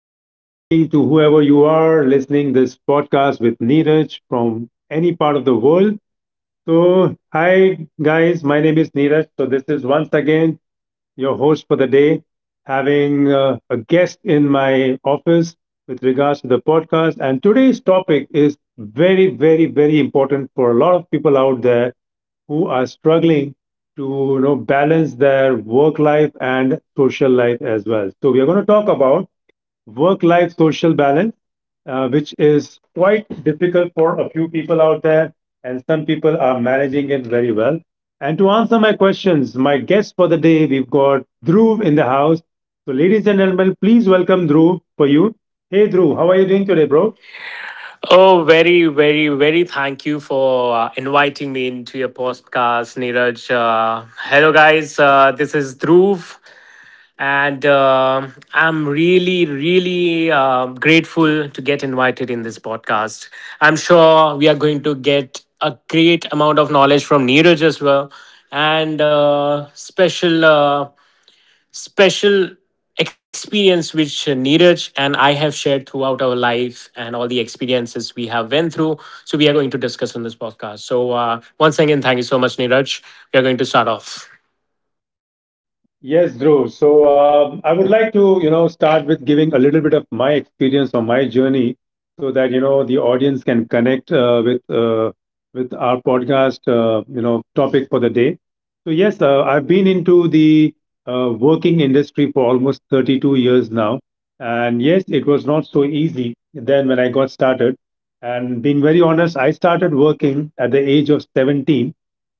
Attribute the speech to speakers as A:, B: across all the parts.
A: and good evening to whoever you are listening this podcast with Neeraj from any part of the world. So, hi guys, my name is Neeraj. So this is once again your host for the day, having a guest in my office with regards to the podcast. And today's topic is very, very, very important for a lot of people out there who are struggling to balance their work life and social life as well. So we are going to talk about work life social balance, which is quite difficult for a few people out there, and some people are managing it very well. And to answer my questions, my guest for the day, we've got Dhruv in the house. So, ladies and gentlemen, please welcome Dhruv for you. Hey, Dhruv, how are you doing today, bro?
B: Bro. Oh, very, very, very thank you for inviting me into your podcast, Neeraj. Hello, guys. This is Dhruv, and I'm really, really grateful to get invited in this podcast. I'm sure we are going to get a great amount of knowledge from Neeraj as well, and special experience which Neeraj and I have shared throughout our life and all the experiences we have went through. So we are going to discuss in this podcast. So once again, thank you so much, Neeraj. We are going to start off.
A: Yes, Dhruv. So I would like to, start with giving a little bit of my experience or my journey, so that the audience can connect with with our podcast, topic for the day. So yes, I've been into the working industry for almost 32 years now, and yes, it was not so easy then when I got started. And being very honest, I started working at the age of 17,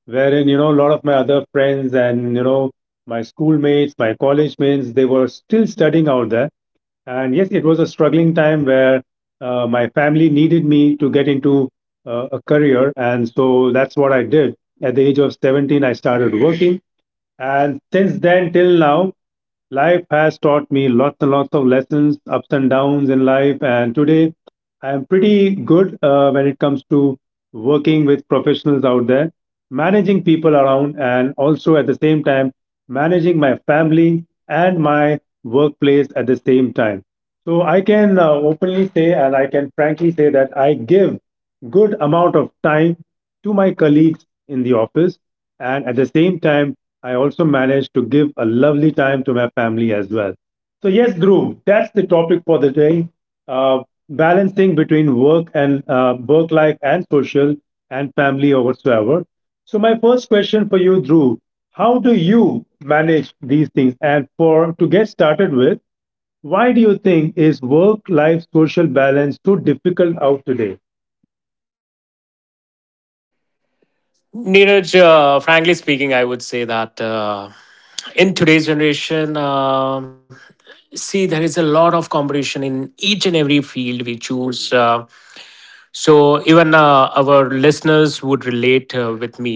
A: wherein a lot of my other friends and my schoolmates, my college mates, they were still studying out there. And yes, it was a struggling time where my family needed me to get into a career. And so that's what I did. At the age of 17, I started working, and since then till now, life has taught me lots and lots of lessons, ups and downs in life. And today I am pretty good when it comes to working with professionals out there, managing people around, and also at the same time, managing my family and my workplace at the same time. So I can openly say, and I can frankly say, that I give good amount of time to my colleagues in the office, and at the same time I also managed to give a lovely time to my family as well. So, yes, Dhruv, that's the topic for the day. Uh, balancing between work and work life and social and family or whatsoever. So, my first question for you, Dhruv, how do you manage these things? And for to get started with, why do you think is work life social balance so difficult out today?
B: Neeraj, frankly speaking, I would say that in today's generation, see, there is a lot of competition in each and every field we choose. So even our listeners would relate with me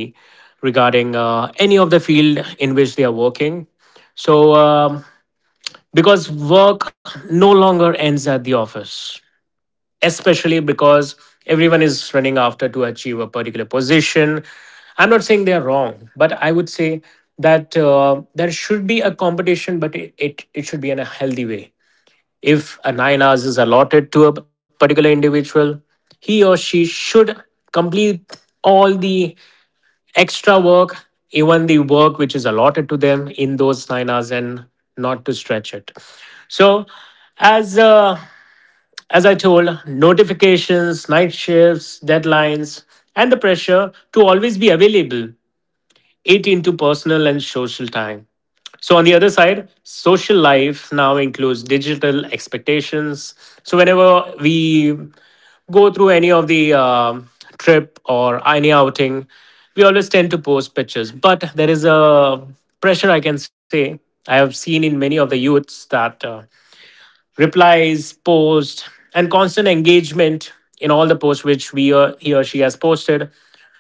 B: regarding any of the field in which they are working. So because work no longer ends at the office, especially because everyone is running after to achieve a particular position. I'm not saying they are wrong, but I would say that there should be a competition, but it should be in a healthy way if a 9 hours is allotted to a particular individual, he or she should complete all the extra work, even the work which is allotted to them in those 9 hours, and not to stretch it. So, as uh, as I told, notifications, night shifts, deadlines, and the pressure to always be available it into personal and social time. So on the other side, social life now includes digital expectations. So whenever we go through any of the trip or any outing, we always tend to post pictures. But there is a pressure I can say I have seen in many of the youths that. Replies, posts, and constant engagement in all the posts which we or he or she has posted.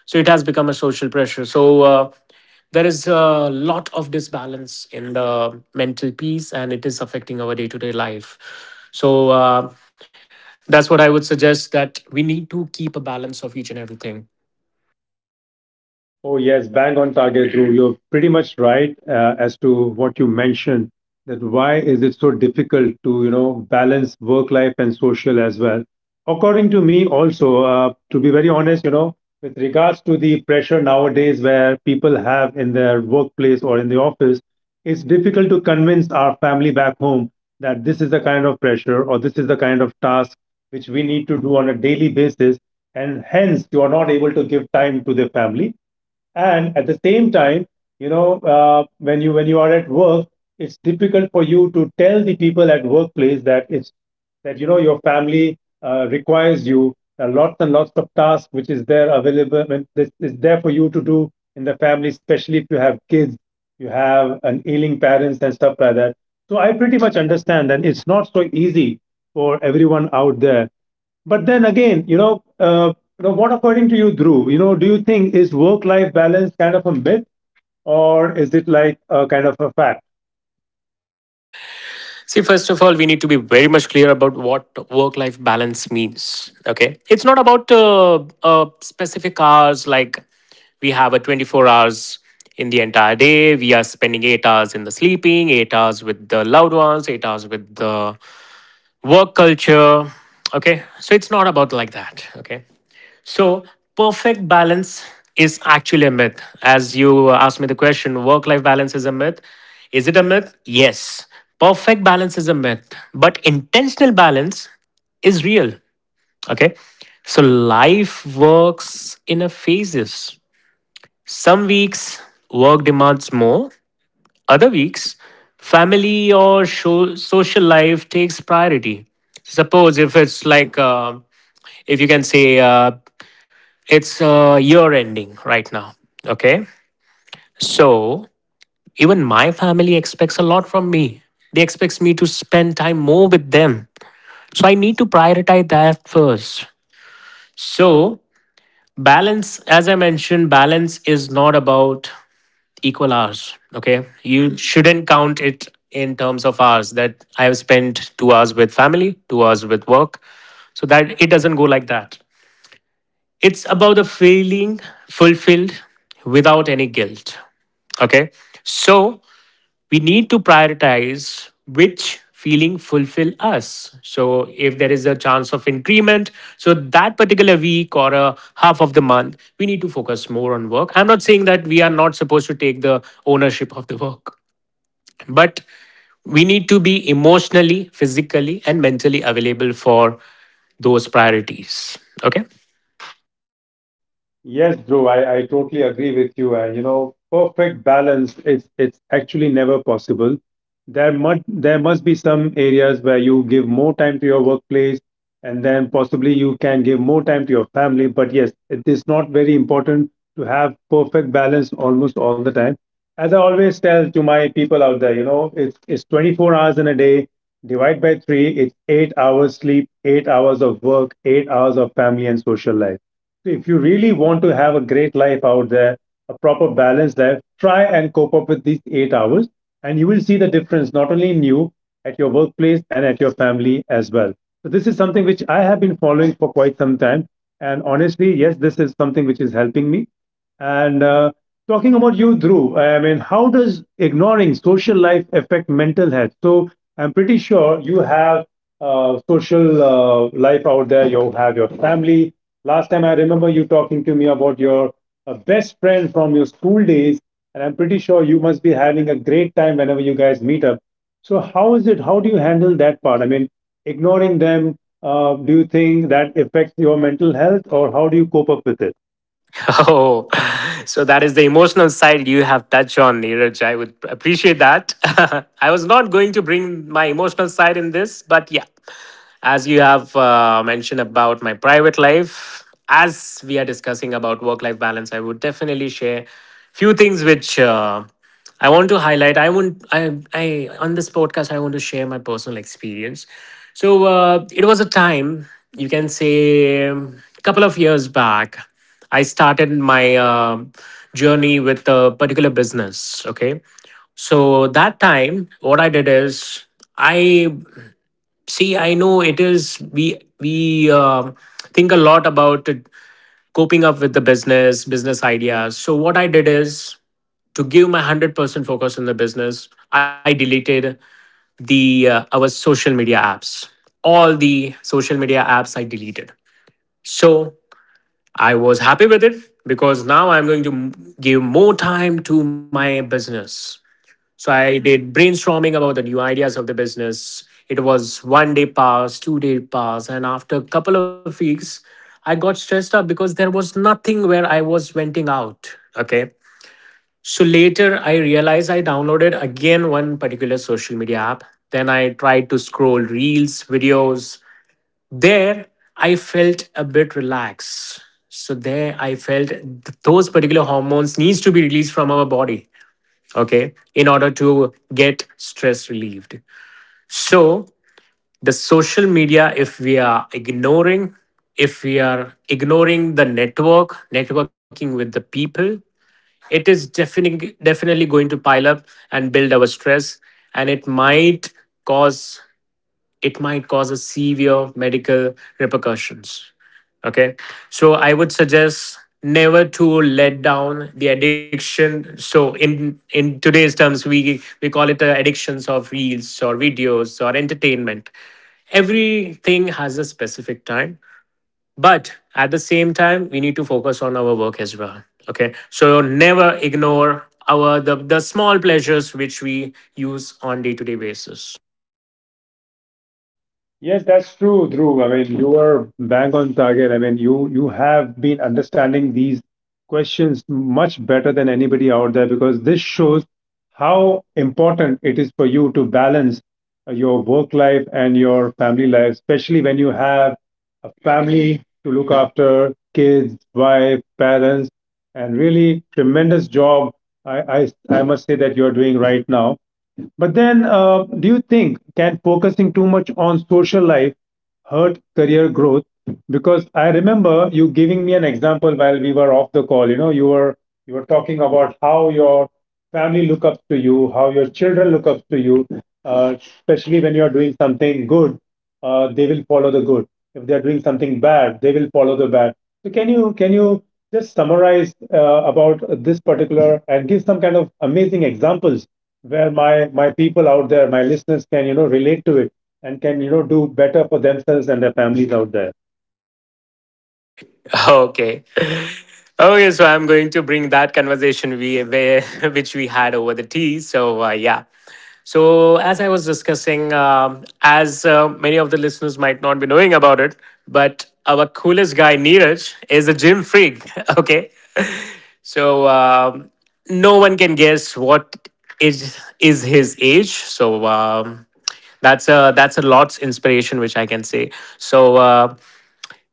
B: So it has become a social pressure. So there is a lot of disbalance in the mental peace, and it is affecting our day to day life. So that's what I would suggest that we need to keep a balance of each and everything.
A: Oh, yes, bang on target, Dhruv. You're pretty much right as to what you mentioned, that why is it so difficult to, you know, balance work life and social as well. According to me also, to be very honest, you know, with regards to the pressure nowadays where people have in their workplace or in the office, it's difficult to convince our family back home that this is the kind of pressure or this is the kind of task which we need to do on a daily basis, and hence you are not able to give time to the family. And at the same time, when you are at work, it's difficult for you to tell the people at workplace that it's that your family requires you, lots and lots of tasks which is there available when this is there for you to do in the family, especially if you have kids, you have an ailing parents and stuff like that. So I pretty much understand that it's not so easy for everyone out there. But then again, now, what according to you, Dhruv, you know, do you think is work-life balance kind of a myth or is it like a kind of a fact?
B: See, first of all, we need to be very much clear about what work life balance means. Okay. It's not about specific hours, like we have a 24 hours in the entire day. We are spending 8 hours in the sleeping, 8 hours with the loved ones, 8 hours with the work culture. Okay. So it's not about like that. Okay. So, perfect balance is actually a myth. As you asked me the question, work life balance is a myth. Is it a myth? Yes. Perfect balance is a myth, but intentional balance is real. Okay. So, life works in a phases. Some weeks, work demands more, other weeks, family or show, social life takes priority suppose if it's like if you can say it's a year ending right now. Okay. So even my family expects a lot from me. They expect me to spend time more with them. So I need to prioritize that first. So balance, as I mentioned, balance is not about equal hours. Okay. You shouldn't count it in terms of hours that I have spent 2 hours with family, 2 hours with work. So that it doesn't go like that. It's about the feeling fulfilled without any guilt. Okay. So we need to prioritize which feeling fulfill us. So if there is a chance of increment, so that particular week or a half of the month, we need to focus more on work. I'm not saying that we are not supposed to take the ownership of the work, but we need to be emotionally, physically, and mentally available for those priorities. Okay.
A: Yes, Dhruv, I totally agree with you. And you know, perfect balance, it's actually never possible. There must be some areas where you give more time to your workplace, and then possibly you can give more time to your family. But yes, it is not very important to have perfect balance almost all the time. As I always tell to my people out there, you know, it's 24 hours in a day, divide by three, it's 8 hours sleep, 8 hours of work, 8 hours of family and social life. So if you really want to have a great life out there, a proper balanced life, try and cope up with these 8 hours. And you will see the difference not only in you, at your workplace, and at your family as well. So, this is something which I have been following for quite some time. And honestly, yes, this is something which is helping me. And talking about you, Dhruv, I mean, how does ignoring social life affect mental health? So I'm pretty sure you have social life out there. You have your family. Last time I remember you talking to me about your best friend from your school days, and I'm pretty sure you must be having a great time whenever you guys meet up. So how is it? How do you handle that part? I mean, ignoring them. Do you think that affects your mental health, or how do you cope up with it?
B: Oh, so that is the emotional side you have touched on, Neeraj. I would appreciate that. I was not going to bring my emotional side in this, but yeah, as you have mentioned about my private life, as we are discussing about work-life balance, I would definitely share few things which I want to highlight. I want. I. I on this podcast. I want to share my personal experience. So it was a time you can say a couple of years back. I started my journey with a particular business. Okay, so that time what I did is I see. I know it is we think a lot about it, coping up with the business ideas. So what I did is to give my 100% focus on the business. I deleted the our social media apps all the social media apps I deleted. So I was happy with it because now I'm going to give more time to my business. So I did brainstorming about the new ideas of the business. It was 1 day pass 2 day pass, and after a couple of weeks I got stressed out because there was nothing where I was venting out. Okay. So later, I realized I downloaded again one particular social media app. Then I tried to scroll reels, videos. There, I felt a bit relaxed. So there, I felt those particular hormones needs to be released from our body, okay, in order to get stress relieved. So the social media, if we are ignoring, if we are ignoring the network, networking with the people, it is definitely going to pile up and build our stress, and it might cause cause a severe medical repercussions. Okay. So I would suggest never to let down the addiction. So in today's terms we call it the addictions of reels or videos or entertainment. Everything has a specific time, but at the same time, we need to focus on our work as well. Okay. So never ignore our the small pleasures which we use on day-to-day basis.
A: Yes, that's true, Dhruv. I mean, you are bang on target. I mean, you have been understanding these questions much better than anybody out there, because this shows how important it is for you to balance your work life and your family life, especially when you have a family to look after, kids, wife, parents, and really tremendous job. I must say that you're doing right now. But then, do you think can focusing too much on social life hurt career growth? Because I remember you giving me an example while we were off the call. You know, you were talking about how your family look up to you, how your children look up to you, uh, especially when you are doing something good, they will follow the good. If they are doing something bad, they will follow the bad. So can you just summarize about this particular and give some kind of amazing examples where my people out there, my listeners, can relate to it and can do better for themselves and their families out there.
B: Okay. Okay, so I'm going to bring that conversation which we had over the tea. So yeah. So as I was discussing, as many of the listeners might not be knowing about it, but our coolest guy Neeraj is a gym freak. Okay, so no one can guess what is his age. So that's a lot's inspiration, which I can say. So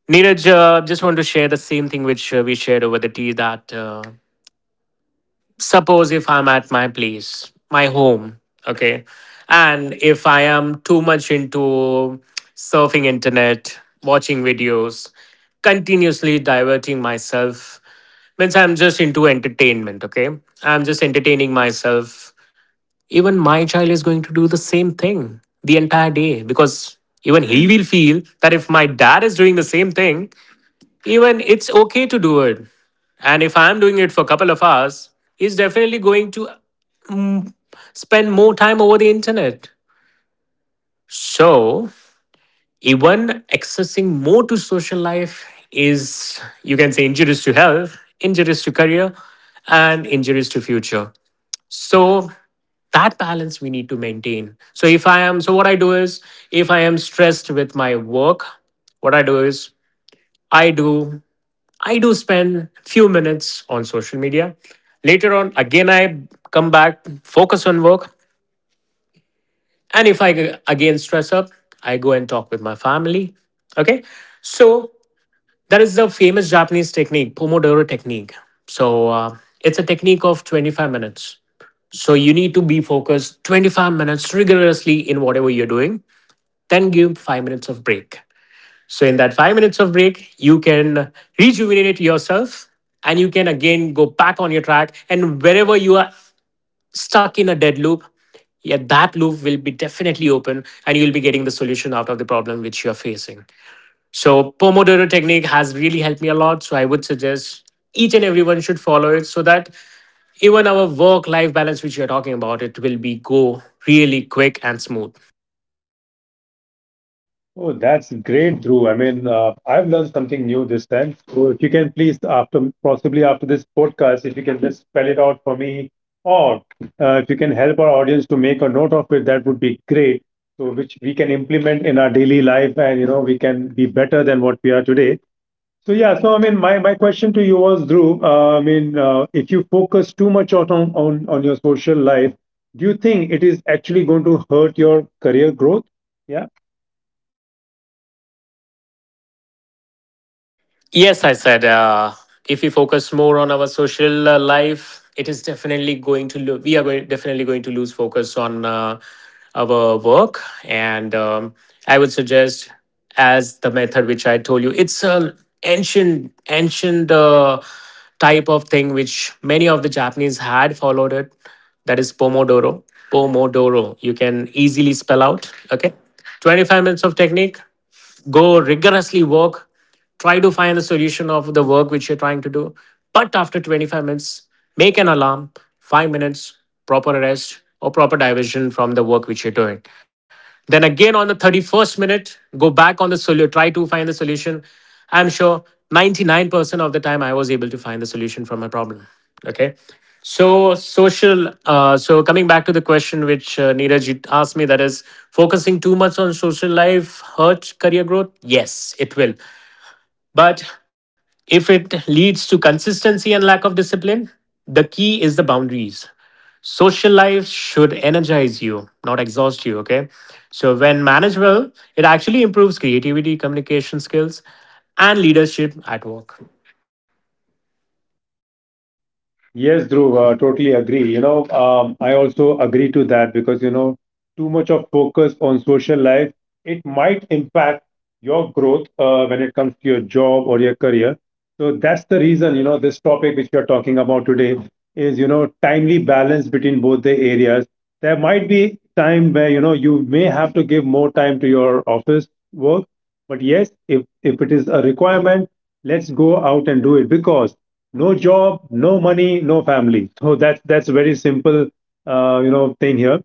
B: Neeraj, just want to share the same thing which we shared over the tea that suppose if I'm at my place, my home, okay, and if I am too much into surfing internet, watching videos, continuously diverting myself, means I'm just into entertainment, okay? I'm just entertaining myself. Even my child is going to do the same thing the entire day because even he will feel that if my dad is doing the same thing, even it's okay to do it. And if I'm doing it for a couple of hours, he's definitely going to spend more time over the internet. So even accessing more to social life is, you can say, injurious to health, injurious to career, and injurious to future. So that balance we need to maintain. So if I am, so what I do is, if I am stressed with my work, what I do is, I do, I do spend few minutes on social media. Later on, again I come back, focus on work. And if I again stress up, I go and talk with my family. Okay. So that is the famous Japanese technique, Pomodoro technique. So it's a technique of 25 minutes. So you need to be focused 25 minutes rigorously in whatever you're doing, then give 5 minutes of break. So in that 5 minutes of break, you can rejuvenate yourself and you can again go back on your track. And wherever you are stuck in a dead loop, yeah, that loop will be definitely open and you'll be getting the solution out of the problem which you're facing. So, Pomodoro technique has really helped me a lot. So, I would suggest each and everyone should follow it so that even our work life balance, which you're talking about, it will be go really quick and smooth.
A: Oh, that's great, Drew. I mean, I've learned something new this time. So, if you can please, after possibly after this podcast, if you can just spell it out for me, or if you can help our audience to make a note of it, that would be great. So, which we can implement in our daily life, and you know, we can be better than what we are today. So, yeah. So, I mean, my question to you was, Drew. If you focus too much on on your social life, do you think it is actually going to hurt your career growth? Yeah?
B: Yes, I said, if we focus more on our social life, it is definitely going to lo- we are going definitely going to lose focus on our work, and I would suggest as the method which I told you, it's a ancient type of thing which many of the Japanese had followed it. That is Pomodoro. Pomodoro, you can easily spell out. Okay, 25 minutes of technique, go rigorously work, try to find the solution of the work which you're trying to do. But after 25 minutes, make an alarm. 5 minutes proper rest or proper diversion from the work which you're doing. Then again on the 31st minute, go back on the solution, try to find the solution. I'm sure 99% of the time I was able to find the solution from my problem. Okay, so social. So coming back to the question which Neeraj, you asked me, that is, focusing too much on social life hurt career growth. Yes, it will. But if it leads to consistency and lack of discipline, the key is the boundaries. Social life should energize you, not exhaust you. Okay. So when managed well, it actually improves creativity, communication skills, and leadership at work.
A: Yes, Dhruv, totally agree. You know, I also agree to that because, you know, too much of focus on social life, it might impact your growth when it comes to your job or your career. So that's the reason, you know, this topic which we are talking about today is, you know, timely balance between both the areas. There might be time where, you know, you may have to give more time to your office work, but yes, if it is a requirement, let's go out and do it, because no job, no money, no family. So that's a very simple, thing here.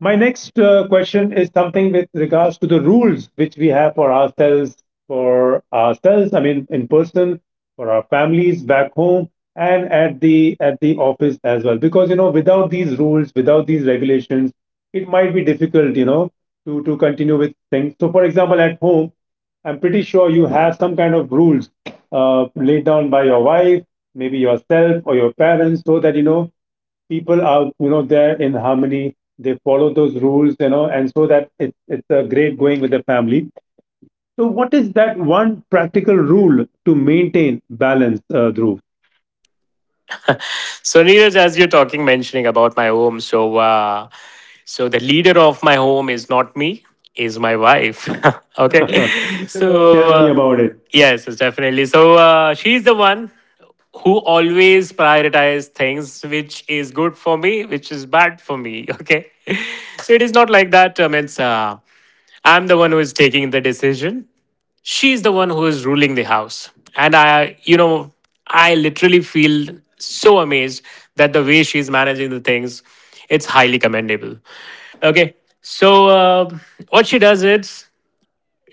A: My next question is something with regards to the rules which we have for ourselves, for ourselves. I mean, in person, for our families back home, and at the office as well. Because you know, without these rules, without these regulations, it might be difficult, you know, to continue with things. So, for example, at home, I'm pretty sure you have some kind of rules laid down by your wife, maybe yourself or your parents, so that people are there in harmony. They follow those rules, you know, and so that it's a great going with the family. So, what is that one practical rule to maintain balance, Dhruv?
B: So, Neeraj, as you're talking, mentioning about my home, so the leader of my home is not me, is my wife.
A: Okay.
B: Okay,
A: So,
B: so
A: tell me about it.
B: uh, yes, yes, definitely. She's the one who always prioritizes things which is good for me, which is bad for me. Okay, so it is not like that. I mean, I'm the one who is taking the decision, she's the one who is ruling the house, and I I literally feel so amazed that the way she's managing the things, it's highly commendable. Okay, so what she does is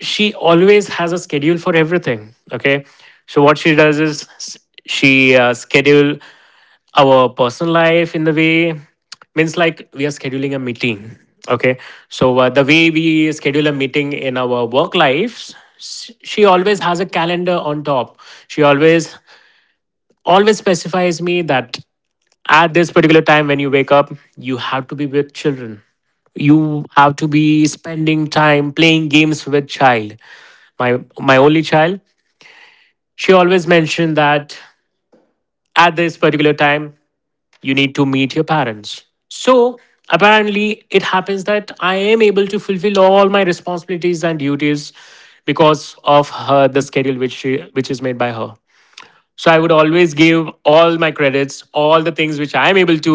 B: she always has a schedule for everything. Okay, so what she does is, she schedule our personal life in the way, means like we are scheduling a meeting. Okay, so the way we schedule a meeting in our work lives, she always has a calendar on top. She always always specifies me that at this particular time when you wake up, you have to be with children, you have to be spending time playing games with child, my only child. She always mentioned that at this particular time you need to meet your parents. So apparently it happens that I am able to fulfill all my responsibilities and duties because of her, the schedule which she, which is made by her. So I would always give all my credits, all the things which I'm able to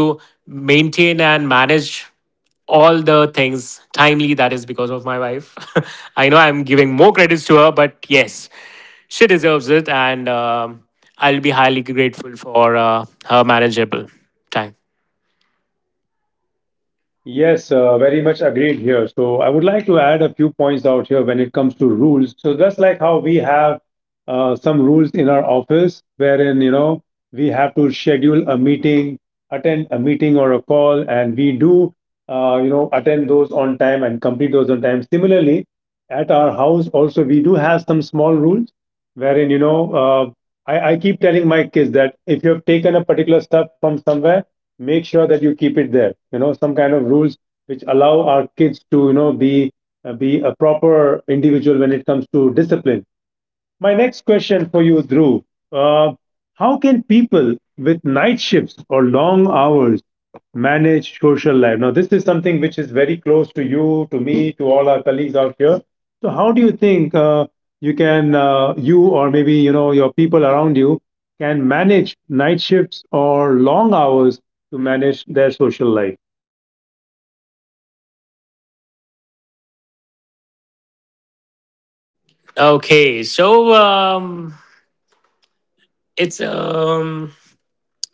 B: maintain and manage all the things timely. That is because of my wife. I know I'm giving more credits to her, but yes, she deserves it. And I'll be highly grateful for her manageable time.
A: Yes, very much agreed here. So I would like to add a few points out here when it comes to rules. So just like how we have some rules in our office, wherein you know we have to schedule a meeting, attend a meeting or a call, and we do you know attend those on time and complete those on time. Similarly, at our house also we do have some small rules, wherein I keep telling my kids that if you have taken a particular stuff from somewhere, make sure that you keep it there, you know, some kind of rules which allow our kids to you know be a proper individual when it comes to discipline. My next question for you, Dhruv. Uh, how can people with night shifts or long hours manage social life? Now, this is something which is very close to you, to me, to all our colleagues out here. So, how do you think you can, you or maybe you know your people around you, can manage night shifts or long hours to manage their social life?
B: Okay, so it's,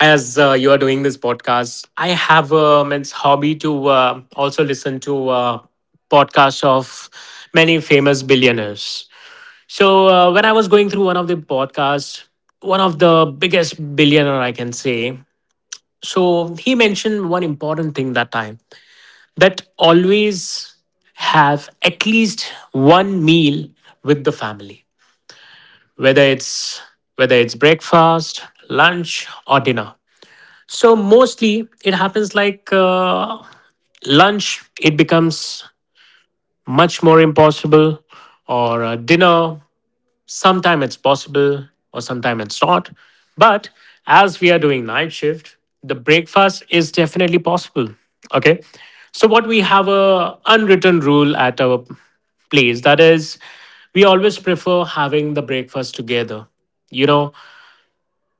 B: as you are doing this podcast, I have a means hobby to also listen to podcasts of many famous billionaires. So when I was going through one of the podcasts, one of the biggest billionaire I can say, so he mentioned one important thing that time, that always have at least one meal with the family, whether it's whether it's breakfast, lunch, or dinner. So mostly it happens like lunch, it becomes much more impossible, or dinner, sometime it's possible, or sometime it's not. But as we are doing night shift, the breakfast is definitely possible. Okay. So what we have a unwritten rule at our place, that is, we always prefer having the breakfast together. You know,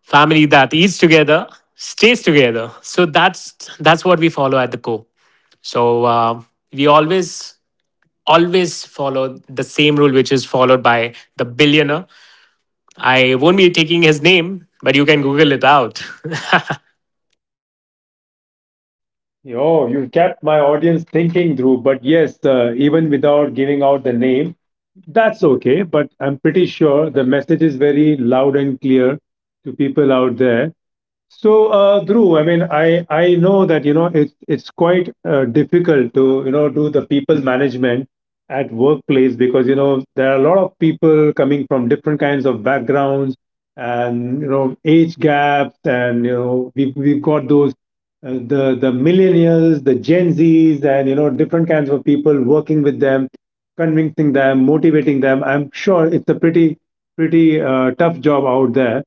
B: family that eats together stays together. So that's what we follow at the core. So uh, we always always follow the same rule which is followed by the billionaire. I won't be taking his name, but you can google it out.
A: Oh, you kept my audience thinking, Dhruv. But yes, even without giving out the name, that's okay, but I'm pretty sure the message is very loud and clear to people out there. So, Dhruv, I mean, I know that you know it's quite difficult to you know do the people management at workplace because you know there are a lot of people coming from different kinds of backgrounds and you know age gaps, and you know we've got those the millennials, the Gen Zs, and you know different kinds of people working with them, convincing them, motivating them. I'm sure it's a pretty tough job out there,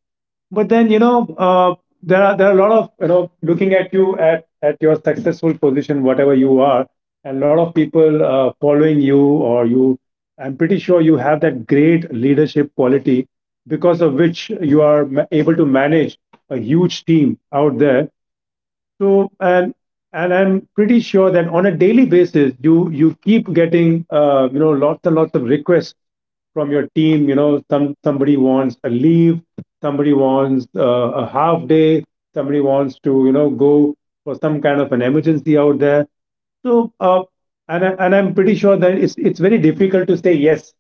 A: but then you know there are a lot of you know looking at you at your successful position whatever you are, and a lot of people following you or you. I'm pretty sure you have that great leadership quality because of which you are able to manage a huge team out there. So, and I'm pretty sure that on a daily basis, you keep getting you know lots and lots of requests from your team. You know, somebody wants a leave, somebody wants a half day, somebody wants to you know go for some kind of an emergency out there. So, and I'm pretty sure that it's very difficult to say yes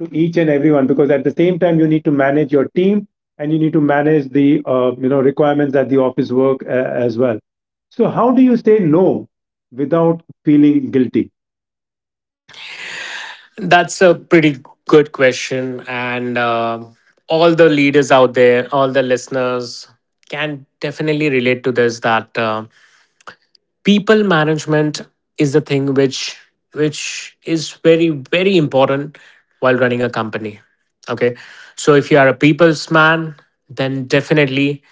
A: to each and everyone because at the same time you need to manage your team and you need to manage the you know requirements at the office work as well. So, how do you say no without feeling guilty?
B: That's a pretty good question. And All the leaders out there, all the listeners can definitely relate to this that people management is the thing which is very very important while running a company. Okay, so if you are a people's man, then definitely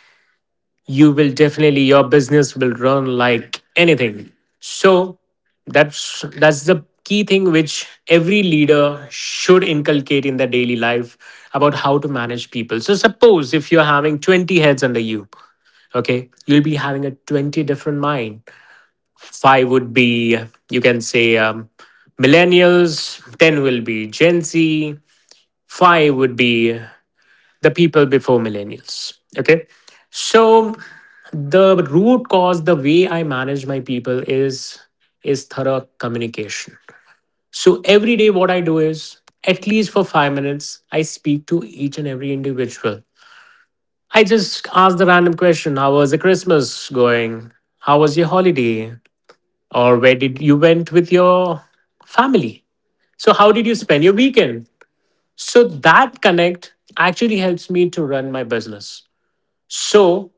B: you will, definitely your business will run like anything. So that's the key thing which every leader should inculcate in their daily life about how to manage people. So suppose if you're having 20 heads under you, okay, you'll be having a 20 different mind. Five would be, you can say, millennials, 10 will be gen z, 5 would be the people before millennials. Okay, so the root cause, the way I manage my people is, thorough communication. So every day what I do is, at least for 5 minutes I speak to each and every individual. I just ask the random question, how was the Christmas going, how was your holiday, or where did you went with your family, so how did you spend your weekend. So that connect actually helps me to run my business. So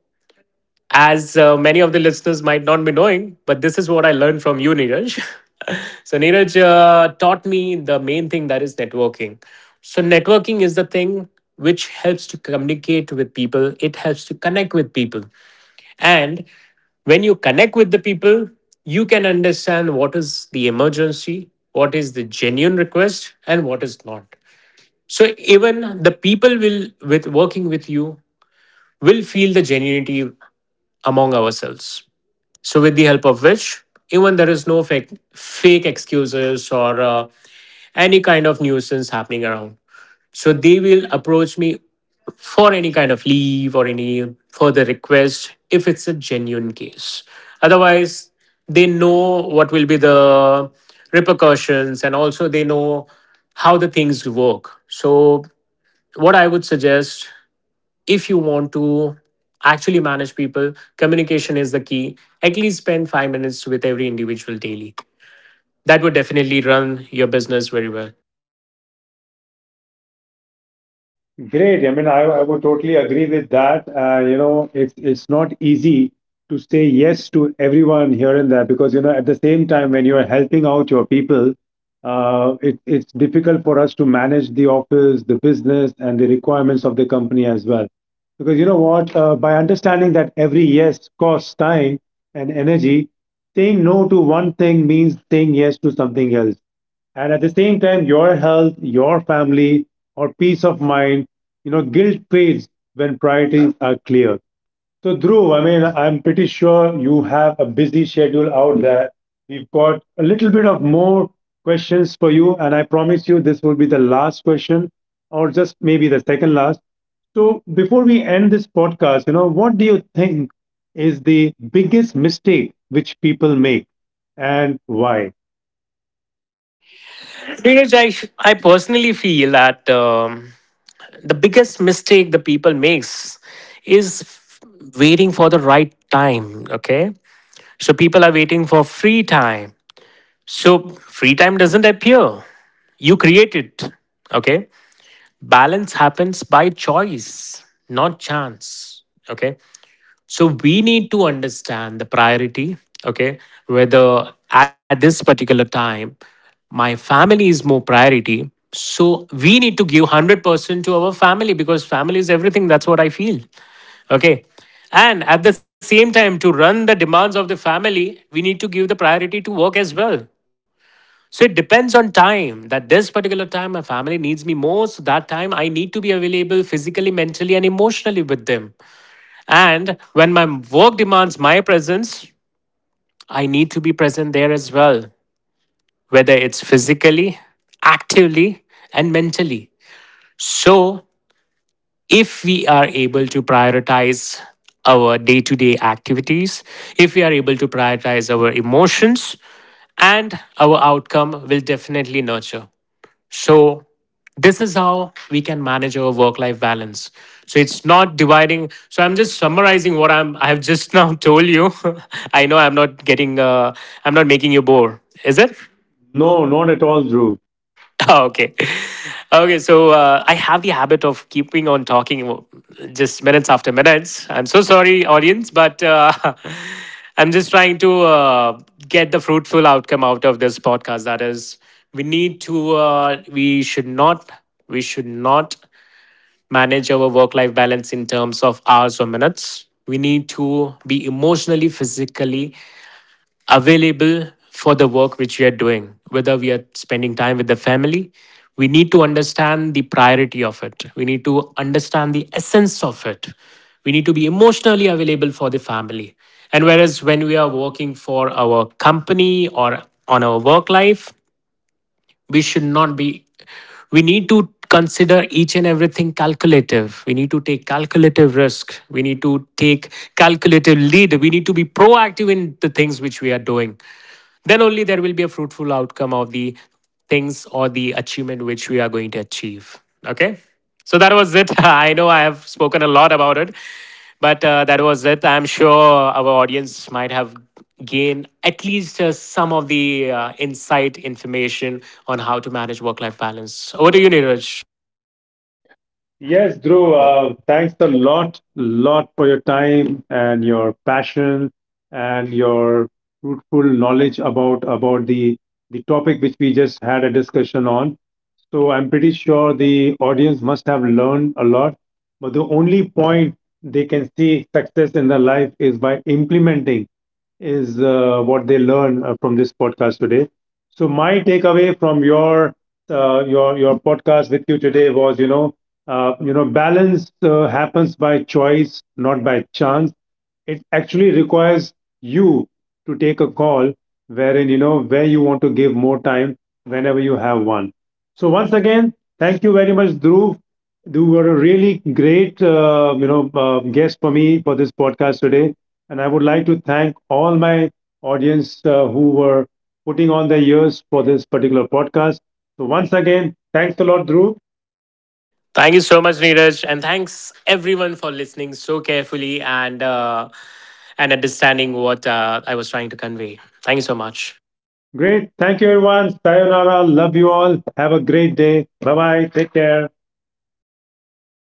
B: as many of the listeners might not be knowing, but this is what I learned from you, Neeraj. So Neeraj taught me the main thing, that is, networking. So networking is the thing which helps to communicate with people, it helps to connect with people. And when you connect with the people, you can understand what is the emergency, what is the genuine request, and what is not. So even the people will, with working with you, will feel the genuinity among ourselves. So with the help of which, even there is no fake excuses or any kind of nuisance happening around. So they will approach me for any kind of leave or any further request if it's a genuine case. Otherwise, they know what will be the repercussions, and also they know how the things work. So, what I would suggest, if you want to actually manage people, communication is the key. At least spend 5 minutes with every individual daily. That would definitely run your business very well.
A: Great. I mean, I would totally agree with that. You know, it's not easy to say yes to everyone here and there because you know at the same time when you're helping out your people, it's difficult for us to manage the office, the business, and the requirements of the company as well. Because you know what? By understanding that every yes costs time and energy, saying no to one thing means saying yes to something else. And at the same time, your health, your family, or peace of mind, you know, guilt fades when priorities are clear. So, Dhruv, I mean, I'm pretty sure you have a busy schedule out there. We've got a little bit of more questions for you, and I promise you this will be the last question, or just maybe the second last. So, before we end this podcast, you know, what do you think is the biggest mistake which people make, and why?
B: Neeraj, I personally feel that. The biggest mistake the people makes is, waiting for the right time. Okay, so people are waiting for free time. So free time doesn't appear, you create it. Okay, balance happens by choice, not chance. Okay, so we need to understand the priority, okay? Whether at this particular time, my family is more priority. So we need to give 100% to our family, because family is everything. That's what I feel, okay? And at the same time, to run the demands of the family, we need to give the priority to work as well. So it depends on time, that this particular time my family needs me most. That time I need to be available physically, mentally, and emotionally with them. And when my work demands my presence, I need to be present there as well, whether it's physically, actively, and mentally. So, if we are able to prioritize our day to day activities, if we are able to prioritize our emotions, and our outcome will definitely nurture. So, this is how we can manage our work life balance. So, it's not dividing. So, I'm just summarizing what I have just now told you. I know I'm not getting, I'm not making you bored. Is it?
A: No, not at all, Dhruv.
B: Oh, okay. Okay, so I have the habit of keeping on talking, just minutes after minutes. I'm so sorry, audience, but I'm just trying to get the fruitful outcome out of this podcast, that is, we need to, we should not manage our work life balance in terms of hours or minutes. We need to be emotionally, physically available for the work which we are doing, whether we are spending time with the family. We need to understand the priority of it. We need to understand the essence of it. We need to be emotionally available for the family. And whereas when we are working for our company or on our work life, we should not be we need to consider each and everything calculative. We need to take calculative risk, we need to take calculative lead, we need to be proactive in the things which we are doing. Then only there will be a fruitful outcome of the things or the achievement which we are going to achieve. Okay, so that was it. I know I have spoken a lot about it, but that was it. I'm sure our audience might have gained at least some of the insight information on how to manage work life balance. Over to you, Neeraj.
A: Yes, Drew. Uh, thanks a lot, lot for your time and your passion and your fruitful knowledge about the topic which we just had a discussion on. So I'm pretty sure the audience must have learned a lot, but the only point they can see success in their life is by implementing is what they learn from this podcast today. So my takeaway from your your podcast with you today was, you know, balance happens by choice, not by chance. It actually requires you to take a call wherein, you know, where you want to give more time whenever you have one. So, once again, thank you very much, Dhruv. You were a really great, you know, guest for me for this podcast today. And I would like to thank all my audience who were putting on their ears for this particular podcast. So, once again, thanks a lot, Dhruv.
B: Thank you so much, Neeraj, and thanks everyone for listening so carefully and understanding what I was trying to convey. Thank you so much.
A: Great. Thank you, everyone. Sayonara. Love you all. Have a great day. Bye bye. Take care.